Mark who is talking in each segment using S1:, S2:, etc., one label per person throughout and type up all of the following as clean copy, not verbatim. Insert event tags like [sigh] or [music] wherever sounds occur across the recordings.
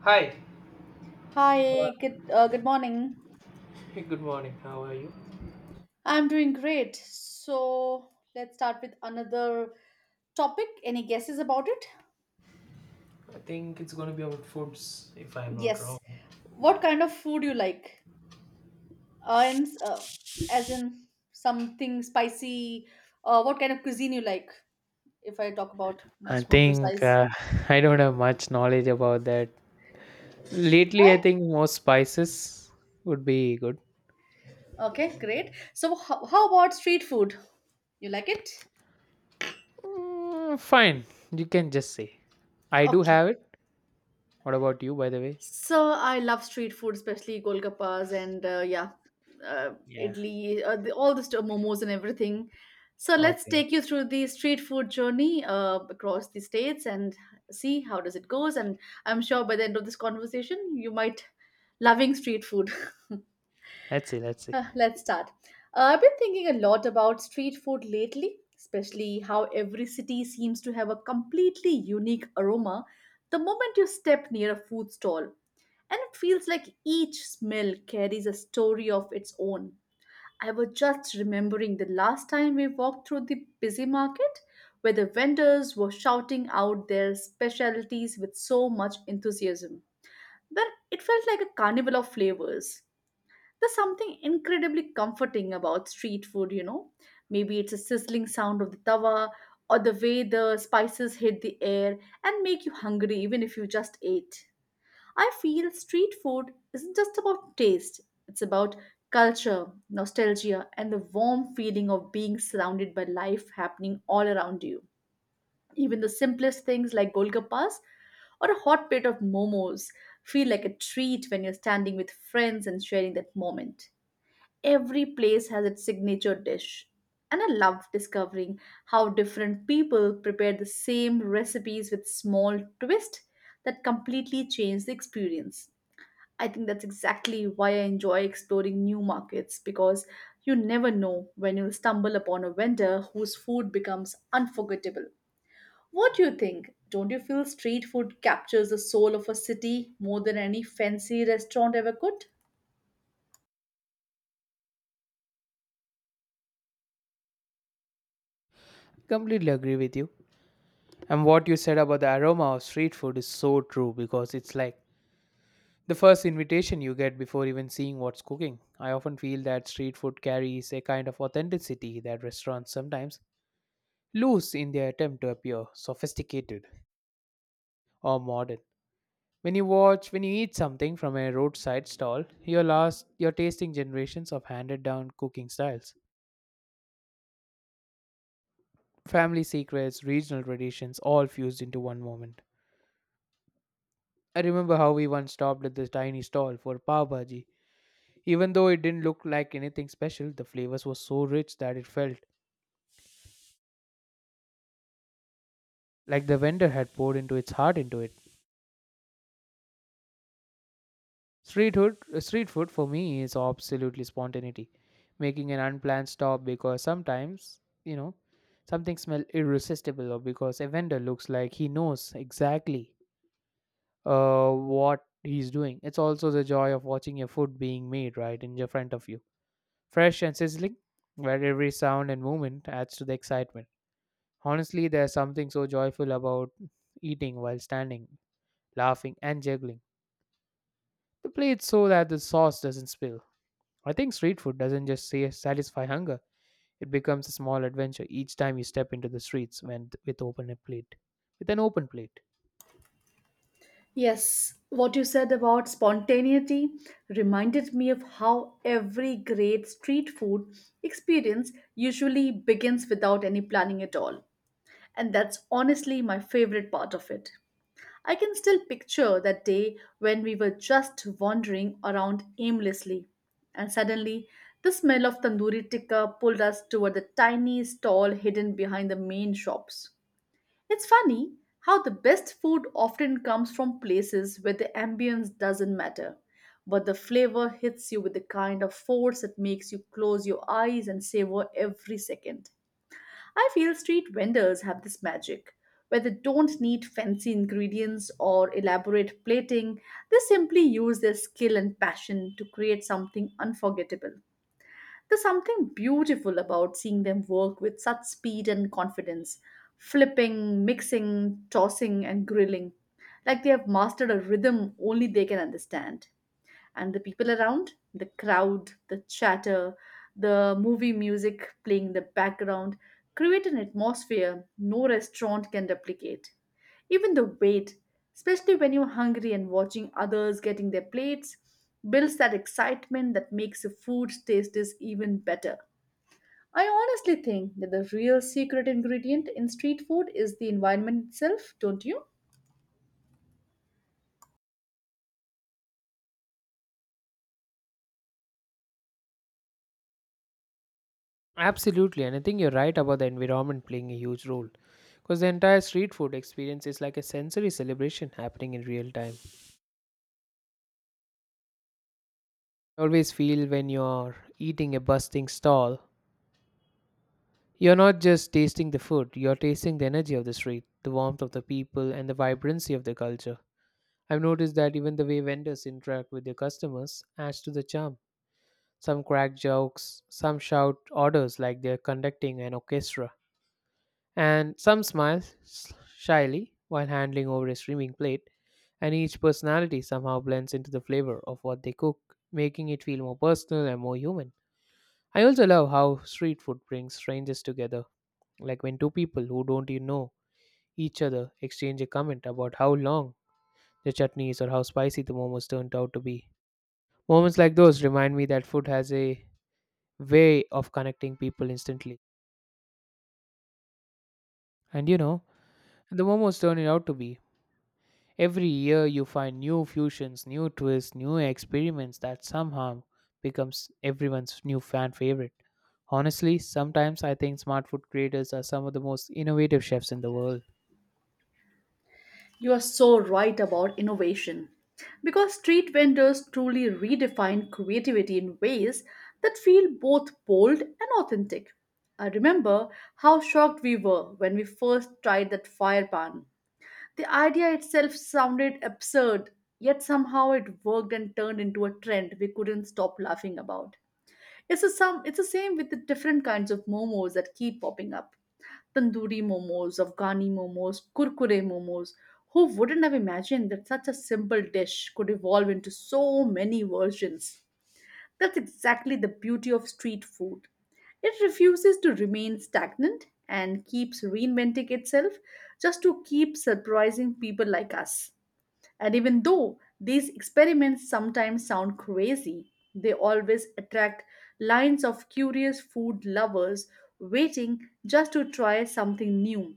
S1: Hi.
S2: Hi,
S1: Hello.
S2: good good morning.
S1: Hey, good morning. How are you?
S2: I'm doing great. So let's start with another topic. Any guesses about it?
S1: I think it's going to be about foods, if I'm not wrong.
S2: Yes. What kind of food you like? Uh, in, s- uh, as in something spicy. What kind of cuisine you like? If I talk about
S1: I
S2: much more
S1: think
S2: precise.
S1: [laughs] I don't have much knowledge about that. Lately,
S2: Why?
S1: I think more spices would be good.
S2: Okay, great. So how about street food? You like it?
S1: Mm, fine, you can just say. I do
S2: Okay.
S1: have it. What about you, by the way?
S2: So I love street food, especially golgappas and yeah, uh,
S1: Yeah.
S2: idli, the, all the st- momos and everything. So let's
S1: Okay.
S2: take you through the street food journey across the states and see how does it goes. And I'm sure by the end of this conversation, you might loving street food. [laughs]
S1: Let's see. Let's see.
S2: Let's start. I've been thinking a lot about street food lately, especially how every city seems to have a completely unique aroma the moment you step near a food stall. And it feels like each smell carries a story of its own. I was just remembering the last time we walked through the busy market where the vendors were shouting out their specialties with so much enthusiasm. Well, it felt like a carnival of flavors. There's something incredibly comforting about street food. Maybe it's a sizzling sound of the tawa or the way the spices hit the air and make you hungry even if you just ate. I feel street food isn't just about taste, it's about culture, nostalgia, and the warm feeling of being surrounded by life happening all around you. Even the simplest things like golgappas or a hot plate of momos feel like a treat when you're standing with friends and sharing that moment. Every place has its signature dish. And I love discovering how different people prepare the same recipes with small twists that completely change the experience. I think that's exactly why I enjoy exploring new markets because you never know when you'll stumble upon a vendor whose food becomes unforgettable. What do you think? Don't you feel street food captures the soul of a city more than any fancy restaurant ever could?
S1: Completely agree with you. And what you said about the aroma of street food is so true because it's like the first invitation you get before even seeing what's cooking. I often feel that street food carries a kind of authenticity that restaurants sometimes lose in their attempt to appear sophisticated or modern. When you watch, when you eat something from a roadside stall, you're lost, you're tasting generations of handed down cooking styles, family secrets, regional traditions, all fused into one moment. I remember how we once stopped at this tiny stall for pav bhaji. Even though it didn't look like anything special, the flavors were so rich that it felt like the vendor had poured into its heart into it. Street food for me is absolutely spontaneity, making an unplanned stop because sometimes you know something smells irresistible or because a vendor looks like he knows exactly what he's doing. It's also the joy of watching your food being made right in your front of you, fresh and sizzling, where every sound and movement adds to the excitement. Honestly, there's something so joyful about eating while standing, laughing, and juggling. They play it so that the sauce doesn't spill. I think street food doesn't just say satisfy hunger; it becomes a small adventure each time you step into the streets when, with open a plate, with an open plate.
S2: Yes, what you said about spontaneity reminded me of how every great street food experience usually begins without any planning at all. And that's honestly my favorite part of it. I can still picture that day when we were just wandering around aimlessly, and suddenly the smell of tandoori tikka pulled us toward the tiny stall hidden behind the main shops. It's funny how the best food often comes from places where the ambience doesn't matter, but the flavor hits you with the kind of force that makes you close your eyes and savor every second. I feel street vendors have this magic where they don't need fancy ingredients or elaborate plating. They simply use their skill and passion to create something unforgettable. There's something beautiful about seeing them work with such speed and confidence, flipping, mixing, tossing, and grilling, like they have mastered a rhythm only they can understand and the people around, the crowd, the chatter, the movie music playing in the background create an atmosphere no restaurant can replicate. Even the wait, especially when you're hungry and watching others getting their plates, builds that excitement that makes the food taste is even better. I honestly think that the real secret ingredient in street food is the environment itself, don't you?
S1: Absolutely, and I think you're right about the environment playing a huge role, because the entire street food experience is like a sensory celebration happening in real time. I always feel when you're eating a bustling stall, you're not just tasting the food; you're tasting the energy of the street, the warmth of the people, and the vibrancy of the culture. I've noticed that even the way vendors interact with their customers adds to the charm. Some crack jokes, some shout orders like they're conducting an orchestra, and some smile shyly while handling over a streaming plate, and each personality somehow blends into the flavor of what they cook, making it feel more personal and more human. I also love how street food brings strangers together, like when two people who don't even know each other exchange a comment about how long the chutney is or how spicy the momos turned out to be. Moments like those remind me that food has a way of connecting people instantly. And you know, the momos turn it out to be. Every year you find new fusions, new twists, new experiments that somehow becomes everyone's new fan favorite. Honestly, sometimes I think smart food creators are some of the most innovative chefs in the world.
S2: You are so right about innovation. Because street vendors truly redefine creativity in ways that feel both bold and authentic. I remember how shocked we were when we first tried that fire pan. The idea itself sounded absurd, yet somehow it worked and turned into a trend we couldn't stop laughing about. It's the same with the different kinds of momos that keep popping up. Tandoori momos, Afghani momos, kurkure momos. Who wouldn't have imagined that such a simple dish could evolve into so many versions? That's exactly the beauty of street food. It refuses to remain stagnant and keeps reinventing itself just to keep surprising people like us. And even though these experiments sometimes sound crazy, they always attract lines of curious food lovers waiting just to try something new.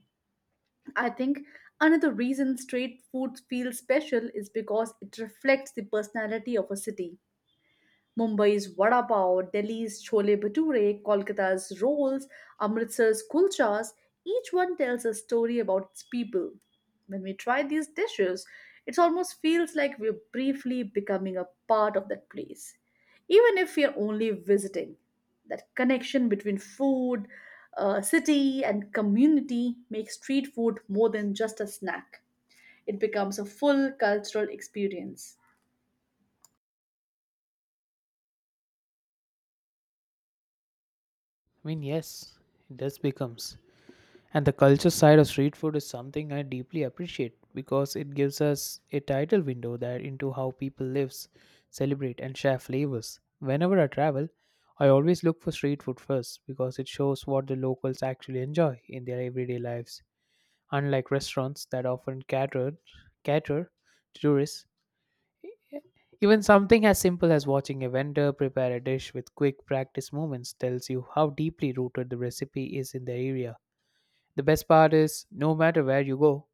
S2: I think another reason street food feels special is because it reflects the personality of a city. Mumbai's vada pav, Delhi's chole bhature, Kolkata's rolls, Amritsar's kulchas, each one tells a story about its people. When we try these dishes, it almost feels like we're briefly becoming a part of that place, even if we are only visiting. That connection between food, city, and community makes street food more than just a snack. It becomes a full cultural experience.
S1: I mean, yes, it does becomes. And the culture side of street food is something I deeply appreciate because it gives us a title window that into how people lives, celebrate and share flavors. Whenever I travel, I always look for street food first because it shows what the locals actually enjoy in their everyday lives. Unlike restaurants that often cater to tourists, even something as simple as watching a vendor prepare a dish with quick practice movements tells you how deeply rooted the recipe is in the area. The best part is, no matter where you go,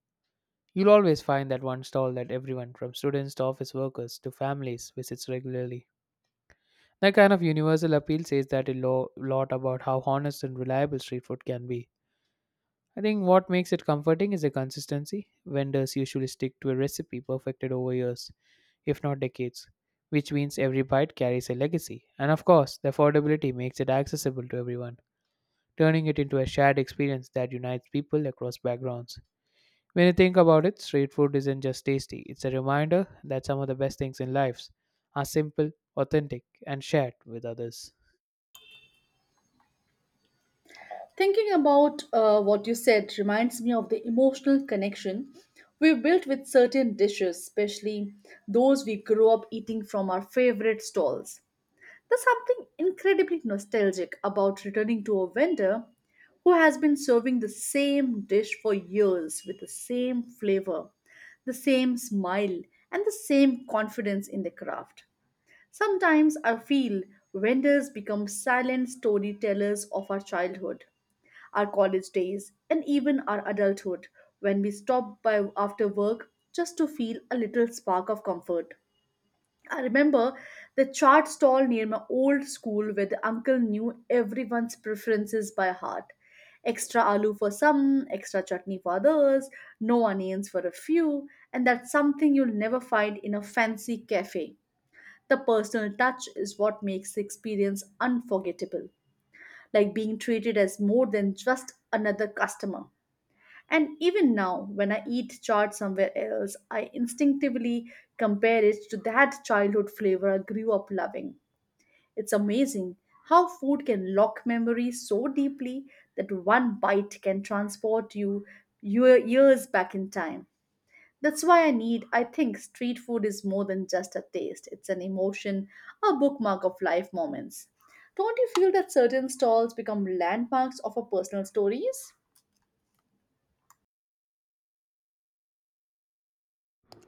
S1: you'll always find that one stall that everyone, from students to office workers to families, visits regularly. That kind of universal appeal says that lot about how honest and reliable street food can be. I think what makes it comforting is the consistency. Vendors usually stick to a recipe perfected over years, if not decades, which means every bite carries a legacy. And of course, the affordability makes it accessible to everyone, turning it into a shared experience that unites people across backgrounds. When you think about it, street food isn't just tasty, it's a reminder that some of the best things in life are simple, authentic, and shared with others.
S2: Thinking about what you said reminds me of the emotional connection we built with certain dishes, especially those we grew up eating from our favorite stalls. There's something incredibly nostalgic about returning to a vendor who has been serving the same dish for years with the same flavor, the same smile, and the same confidence in the craft. Sometimes I feel vendors become silent storytellers of our childhood our college days, and even our adulthood when we stopped by after work just to feel a little spark of comfort. I remember the chart stall near my old school where the uncle knew everyone's preferences by heart. Extra aloo for some, extra chutney for others, no onions for a few, and that's something you'll never find in a fancy cafe. The personal touch is what makes the experience unforgettable, like being treated as more than just another customer. And even now, when I eat chaat somewhere else, I instinctively compare it to that childhood flavor I grew up loving. It's amazing how food can lock memories so deeply that one bite can transport you your years back in time. That's why I think, street food is more than just a taste. It's an emotion, a bookmark of life moments. Don't you feel that certain stalls become landmarks of our personal stories?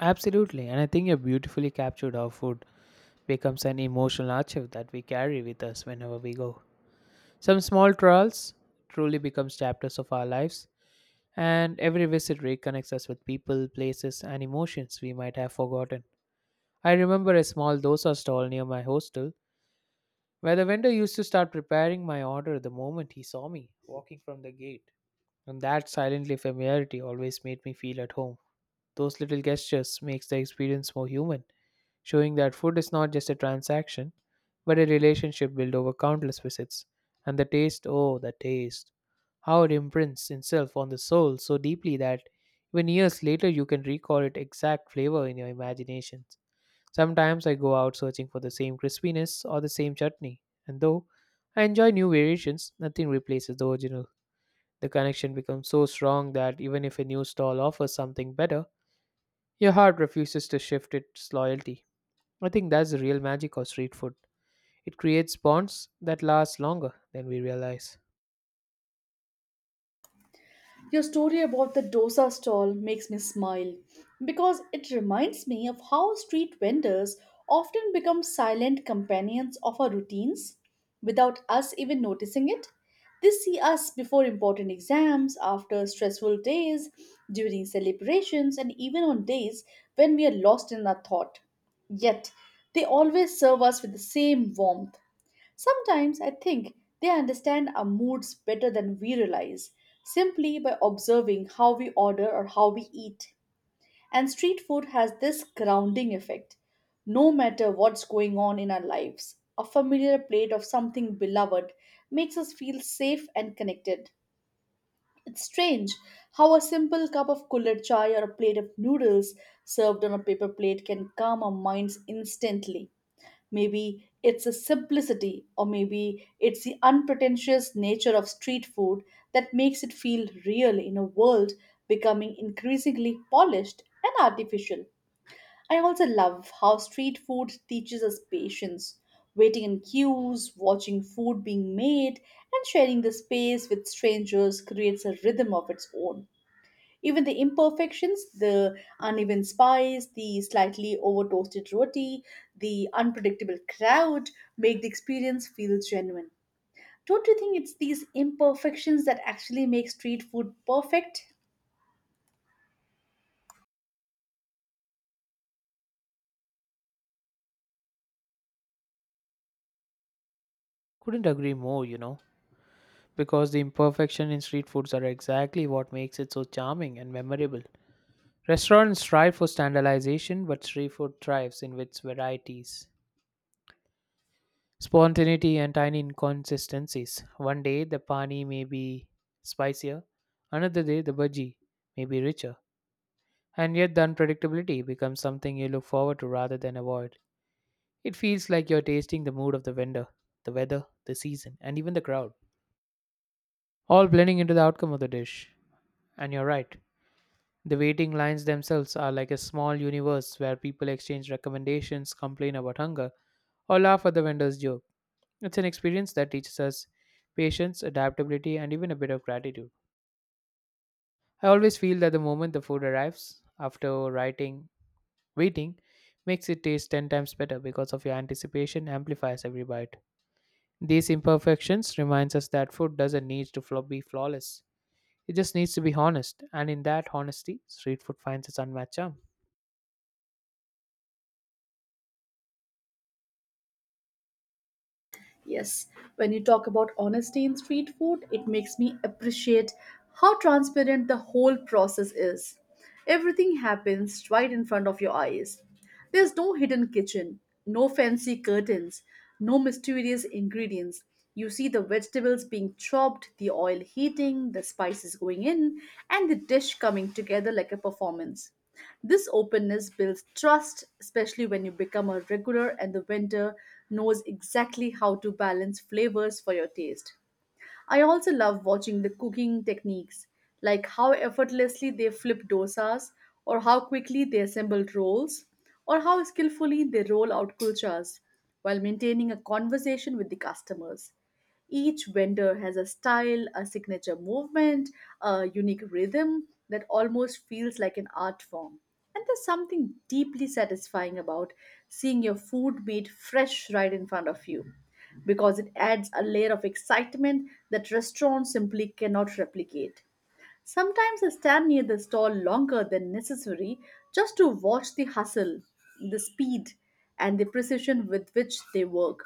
S1: Absolutely, and I think you beautifully captured how food becomes an emotional archive that we carry with us whenever we go. Some small trials truly becomes chapters of our lives, and every visit reconnects us with people, places, and emotions we might have forgotten. I remember a small dosa stall near my hostel where the vendor used to start preparing my order the moment he saw me walking from the gate. And that silently familiarity always made me feel at home. Those little gestures makes the experience more human, showing that food is not just a transaction, but a relationship built over countless visits. And the taste, oh, the taste. How it imprints itself on the soul so deeply that even years later you can recall its exact flavor in your imagination. Sometimes I go out searching for the same crispiness or the same chutney, and though I enjoy new variations, nothing replaces the original. The connection becomes so strong that even if a new stall offers something better, your heart refuses to shift its loyalty. I think that's the real magic of street food. It creates bonds that last longer than we realize.
S2: Your story about the dosa stall makes me smile because it reminds me of how street vendors often become silent companions of our routines without us even noticing it. They see us before important exams, after stressful days, during celebrations, and even on days when we are lost in our thought. Yet, they always serve us with the same warmth, sometimes I think they understand our moods better than we realize, simply by observing how we order or how we eat. And street food has this grounding effect. No matter what's going on in our lives, a familiar plate of something beloved makes us feel safe and connected. It's strange how a simple cup of cooler chai or a plate of noodles served on a paper plate can calm our minds instantly. Maybe it's the simplicity, or maybe it's the unpretentious nature of street food that makes it feel real in a world becoming increasingly polished and artificial. I also love how street food teaches us patience, waiting in queues, watching food being made, and sharing the space with strangers creates a rhythm of its own. Even the imperfections, the uneven spice, the slightly over toasted roti, the unpredictable crowd make the experience feel genuine. Don't you think it's these imperfections that actually make street food perfect?
S1: Couldn't agree more, you know, because the imperfection in street foods are exactly what makes it so charming and memorable. Restaurants strive for standardization, but street food thrives in its varieties, spontaneity, and tiny inconsistencies. One day the pani may be spicier, another day the bhaji may be richer, and yet the unpredictability becomes something you look forward to rather than avoid. It feels like you're tasting the mood of the vendor, the weather, the season, and even the crowd, all blending into the outcome of the dish. And you're right, the waiting lines themselves are like a small universe where people exchange recommendations, complain about hunger, or laugh at the vendor's joke. It's an experience that teaches us patience, adaptability, and even a bit of gratitude. I always feel that the moment the food arrives, after writing, waiting, makes it taste 10 times better because of your anticipation amplifies every bite. These imperfections reminds us that food doesn't need to be flawless. It just needs to be honest, and in that honesty, street food finds its unmatched charm.
S2: Yes, when you talk about honesty in street food, it makes me appreciate how transparent the whole process is. Everything happens right in front of your eyes. There's no hidden kitchen, no fancy curtains, no mysterious ingredients. You see the vegetables being chopped, the oil heating, the spices going in, and the dish coming together like a performance. This openness builds trust, especially when you become a regular and the vendor knows exactly how to balance flavors for your taste. I also love watching the cooking techniques, like how effortlessly they flip dosas, or how quickly they assemble rolls, or how skillfully they roll out kulchas while maintaining a conversation with the customers. Each vendor has a style, a signature movement, a unique rhythm that almost feels like an art form. And there's something deeply satisfying about seeing your food made fresh right in front of you because it adds a layer of excitement that restaurants simply cannot replicate. Sometimes I stand near the stall longer than necessary just to watch the hustle, the speed, and the precision with which they work.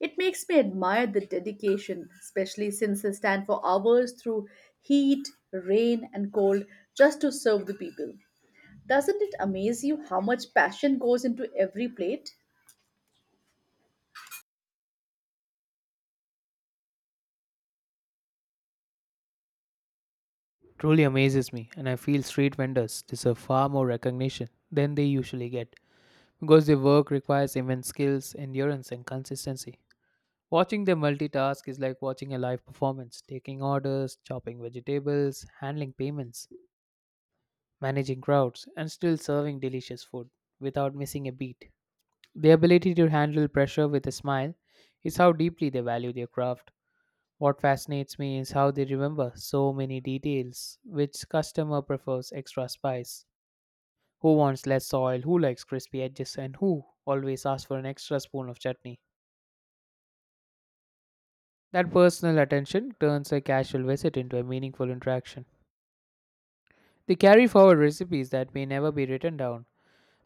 S2: It makes me admire the dedication, especially since they stand for hours through heat, rain, and cold just to serve the people. Doesn't it amaze you how much passion goes into every plate?
S1: Truly amazes me, and I feel street vendors deserve far more recognition than they usually get, because their work requires immense skills, endurance and consistency. Watching them multitask is like watching a live performance, taking orders, chopping vegetables, handling payments, managing crowds, and still serving delicious food without missing a beat. Their ability to handle pressure with a smile is how deeply they value their craft. What fascinates me is how they remember so many details. Which customer prefers extra spice? Who wants less oil? Who likes crispy edges? And who always asks for an extra spoon of chutney? That personal attention turns a casual visit into a meaningful interaction. They carry forward recipes that may never be written down,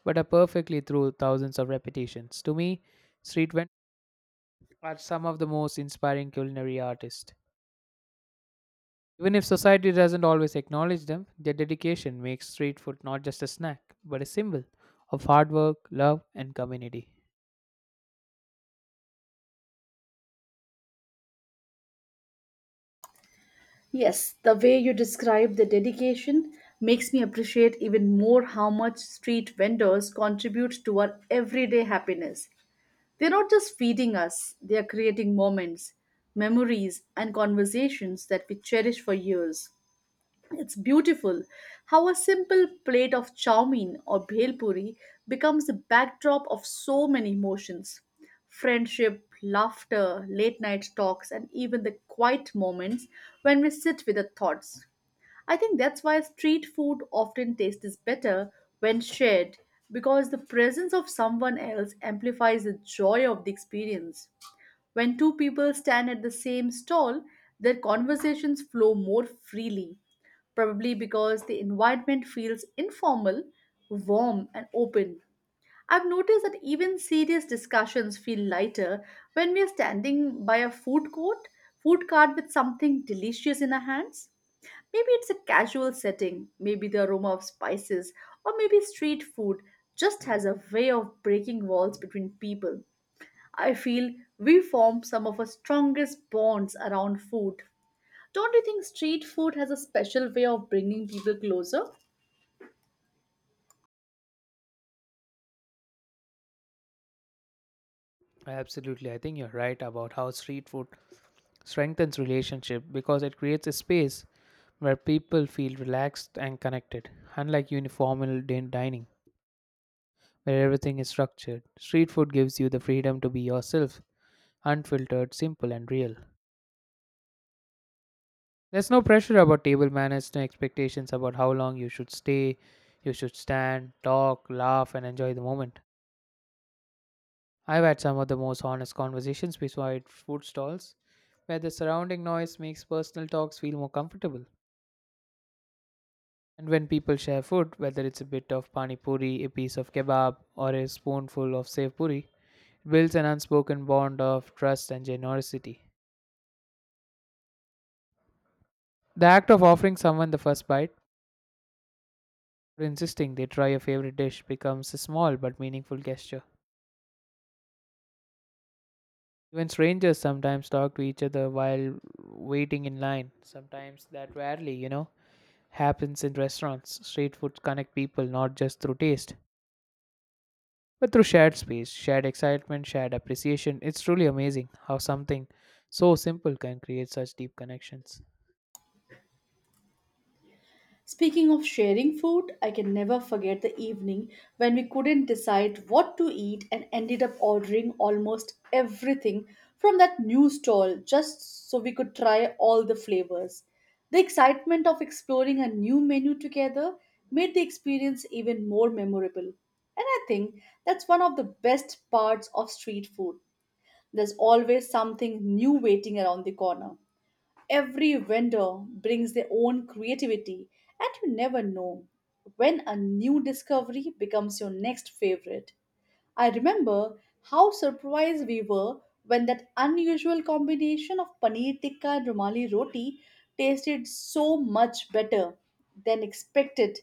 S1: but are perfectly through thousands of repetitions. To me, street vendors are some of the most inspiring culinary artists. Even if society doesn't always acknowledge them, their dedication makes street food not just a snack, but a symbol of hard work, love, and community.
S2: Yes, the way you describe the dedication makes me appreciate even more how much street vendors contribute to our everyday happiness. They're not just feeding us, they are creating moments, memories, and conversations that we cherish for years. It's beautiful how a simple plate of chow mein or bhel puri becomes the backdrop of so many emotions. Friendship, laughter, late night talks, and even the quiet moments when we sit with our thoughts. I think that's why street food often tastes better when shared because the presence of someone else amplifies the joy of the experience. When two people stand at the same stall, their conversations flow more freely, probably because the environment feels informal, warm, and open. I've noticed that even serious discussions feel lighter when we are standing by a food cart with something delicious in our hands. Maybe it's a casual setting, maybe the aroma of spices, or maybe street food just has a way of breaking walls between people. I feel we form some of our strongest bonds around food. Don't you think street food has a special way of bringing people closer?
S1: Absolutely, I think you're right about how street food strengthens relationship because it creates a space where people feel relaxed and connected, unlike uniformal dining, where everything is structured. Street food gives you the freedom to be yourself, unfiltered, simple, and real. There's no pressure about table manners, no expectations about how long you should stay. You should stand, talk, laugh, and enjoy the moment. I've had some of the most honest conversations beside food stalls where the surrounding noise makes personal talks feel more comfortable. And when people share food, whether it's a bit of pani puri, a piece of kebab, or a spoonful of sev puri, it builds an unspoken bond of trust and generosity. The act of offering someone the first bite or insisting they try a favorite dish becomes a small but meaningful gesture. Even strangers sometimes talk to each other while waiting in line. Sometimes that rarely, happens in restaurants. Street food connect people not just through taste, but through shared space, shared excitement, shared appreciation. It's truly amazing how something so simple can create such deep connections.
S2: Speaking of sharing food, I can never forget the evening when we couldn't decide what to eat and ended up ordering almost everything from that new stall just so we could try all the flavors. The excitement of exploring a new menu together made the experience even more memorable. And I think that's one of the best parts of street food. There's always something new waiting around the corner. Every vendor brings their own creativity, and you never know when a new discovery becomes your next favorite. I remember how surprised we were when that unusual combination of paneer tikka and rumali roti tasted so much better than expected.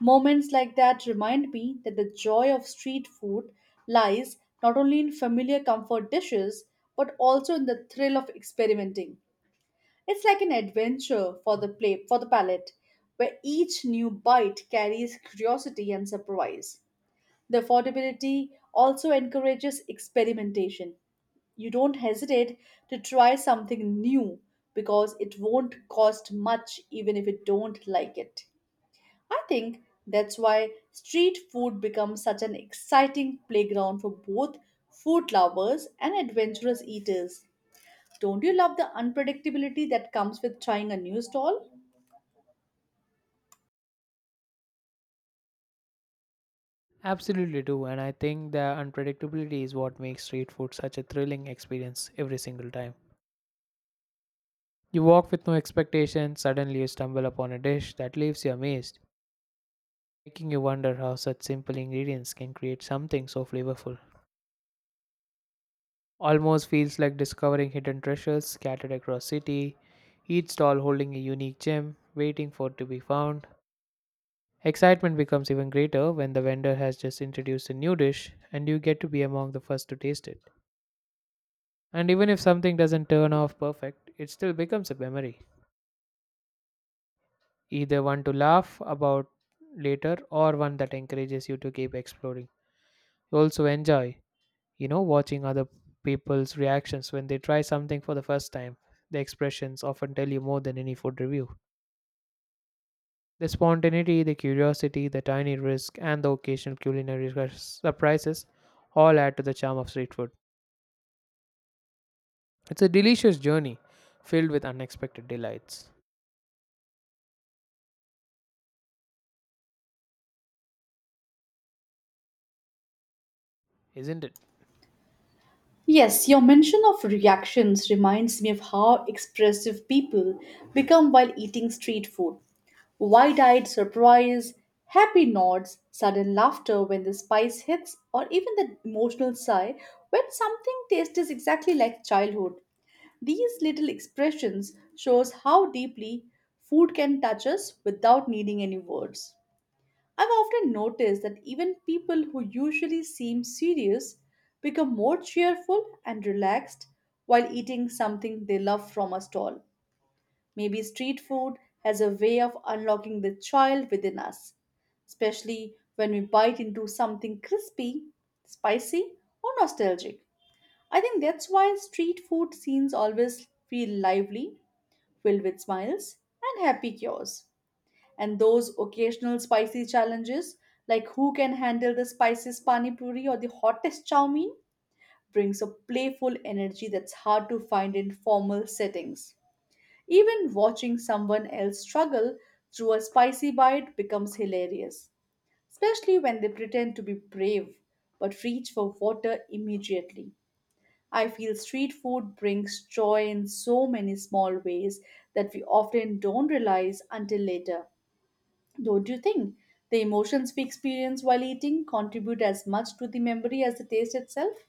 S2: Moments like that remind me that the joy of street food lies not only in familiar comfort dishes but also in the thrill of experimenting. It's like an adventure for the palate, where each new bite carries curiosity and surprise. The affordability also encourages experimentation. You don't hesitate to try something new because it won't cost much even if you don't like it. I think that's why street food becomes such an exciting playground for both food lovers and adventurous eaters. Don't you love the unpredictability that comes with trying a new stall?
S1: Absolutely do, and I think the unpredictability is what makes street food such a thrilling experience every single time. You walk with no expectation, suddenly you stumble upon a dish that leaves you amazed, making you wonder how such simple ingredients can create something so flavorful. Almost feels like discovering hidden treasures scattered across city, each stall holding a unique gem waiting for it to be found. Excitement becomes even greater when the vendor has just introduced a new dish and you get to be among the first to taste it. And even if something doesn't turn off perfect, it still becomes a memory, either one to laugh about later or one that encourages you to keep exploring. You also enjoy watching other people's reactions when they try something for the first time. The expressions often tell you more than any food review. The spontaneity, the curiosity, the tiny risk, and the occasional culinary surprises all add to the charm of street food. It's a delicious journey filled with unexpected delights, isn't it?
S2: Yes, your mention of reactions reminds me of how expressive people become while eating street food. Wide eyed surprise, happy nods, sudden laughter when the spice hits, or even the emotional sigh when something tastes exactly like childhood. These little expressions shows how deeply food can touch us without needing any words. I've often noticed that even people who usually seem serious become more cheerful and relaxed while eating something they love from a stall. Maybe street food has a way of unlocking the child within us, especially when we bite into something crispy, spicy, or nostalgic. I think that's why street food scenes always feel lively, filled with smiles and happy cures, and those occasional spicy challenges like who can handle the spiciest pani puri or the hottest chow mein brings a playful energy that's hard to find in formal settings. Even watching someone else struggle through a spicy bite becomes hilarious, especially when they pretend to be brave but reach for water immediately. I feel street food brings joy in so many small ways that we often don't realize until later. Don't you think the emotions we experience while eating contribute as much to the memory as the taste itself?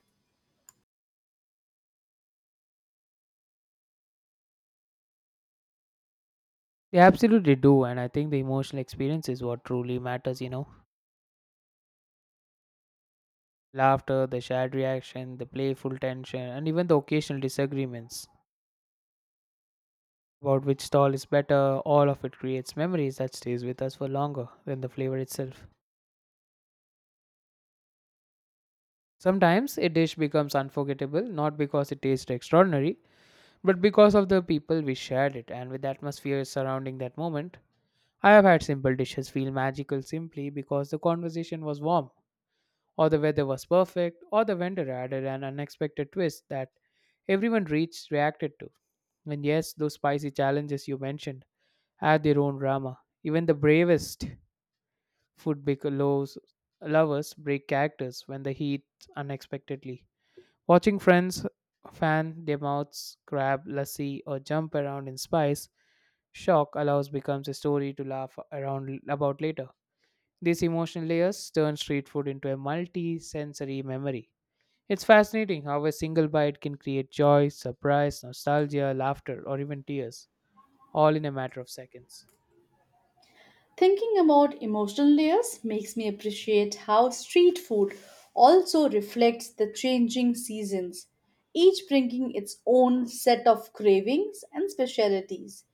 S1: They absolutely do, and I think the emotional experience is what truly matters. Laughter, the shared reaction, the playful tension, and even the occasional disagreements about which stall is better, all of it creates memories that stays with us for longer than the flavor itself. Sometimes a dish becomes unforgettable not because it tastes extraordinary, but because of the people we shared it and with the atmosphere surrounding that moment. I have had simple dishes feel magical simply because the conversation was warm, or the weather was perfect, or the vendor added an unexpected twist that everyone reached reacted to. And yes, those spicy challenges you mentioned had their own drama. Even the bravest loves, lovers break characters when the heat unexpectedly. Watching friends fan their mouths, grab lassi, or jump around in spice, shock allows becomes a story to laugh around about later. These emotional layers turn street food into a multi-sensory memory. It's fascinating how a single bite can create joy, surprise, nostalgia, laughter, or even tears, all in a matter of seconds.
S2: Thinking about emotional layers makes me appreciate how street food also reflects the changing seasons, each bringing its own set of cravings and specialities.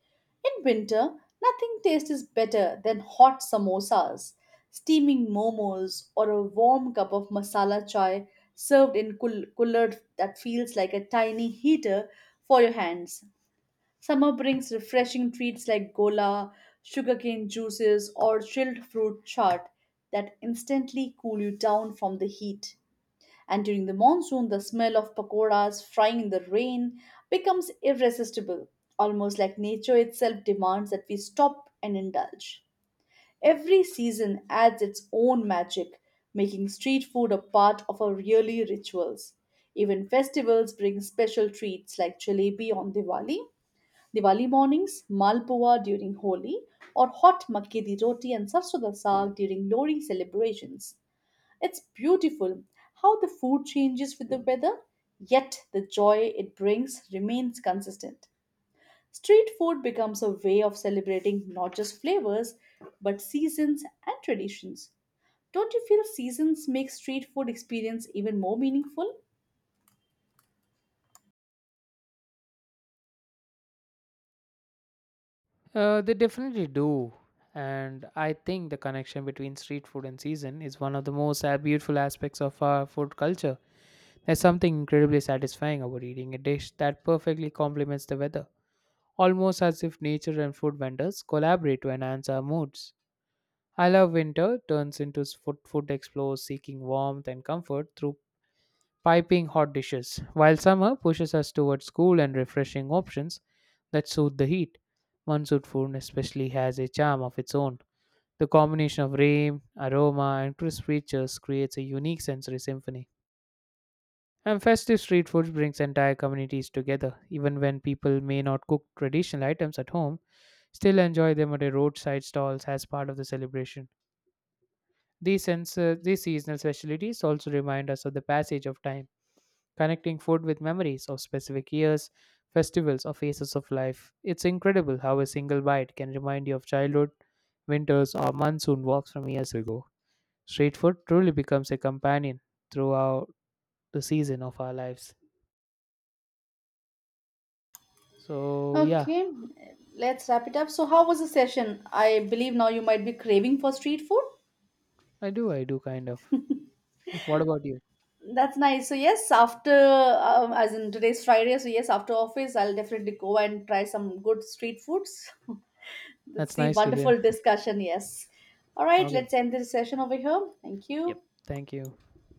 S2: In winter, nothing tastes better than hot samosas, steaming momos, or a warm cup of masala chai served in cooler that feels like a tiny heater for your hands. Summer brings refreshing treats like gola, sugarcane juices, or chilled fruit chaat that instantly cool you down from the heat. And during the monsoon, the smell of pakoras frying in the rain becomes irresistible, almost like nature itself demands that we stop and indulge. Every season adds its own magic, making street food a part of our yearly rituals. Even festivals bring special treats like jalebi on Diwali mornings, Malpua during Holi, or hot makke di roti and sarso da saag during Lori celebrations. It's beautiful how the food changes with the weather, yet the joy it brings remains consistent. Street food becomes a way of celebrating not just flavors, but seasons and traditions. Don't you feel seasons make street food experience even more meaningful?
S1: They definitely do. And I think the connection between street food and season is one of the most beautiful aspects of our food culture. There's something incredibly satisfying about eating a dish that perfectly complements the weather, almost as if nature and food vendors collaborate to enhance our moods. I love winter turns into food explorers seeking warmth and comfort through piping hot dishes, while summer pushes us towards cool and refreshing options that soothe the heat. Monsoon food especially has a charm of its own. The combination of rain, aroma, and crisp features creates a unique sensory symphony. And festive street food brings entire communities together. Even when people may not cook traditional items at home, still enjoy them at a roadside stalls as part of the celebration. These seasonal specialties also remind us of the passage of time connecting food with memories of specific years, festivals, or phases of life. It's incredible how a single bite can remind you of childhood, winters, or monsoon walks from years ago. Street food truly becomes a companion throughout the season of our lives. So, yeah,
S2: Okay, let's wrap it up. So, how was the session? I believe now you might be craving for street food.
S1: I do kind of. What about you?
S2: That's nice. So yes, after as in today's Friday, so yes, after office, I'll definitely go and try some good street foods. [laughs] Let's
S1: That's
S2: see,
S1: nice to hear.
S2: wonderful discussion. Yes. All right,
S1: Okay.
S2: let's end this session over here. Thank
S1: Yep.
S2: you.
S1: Thank you.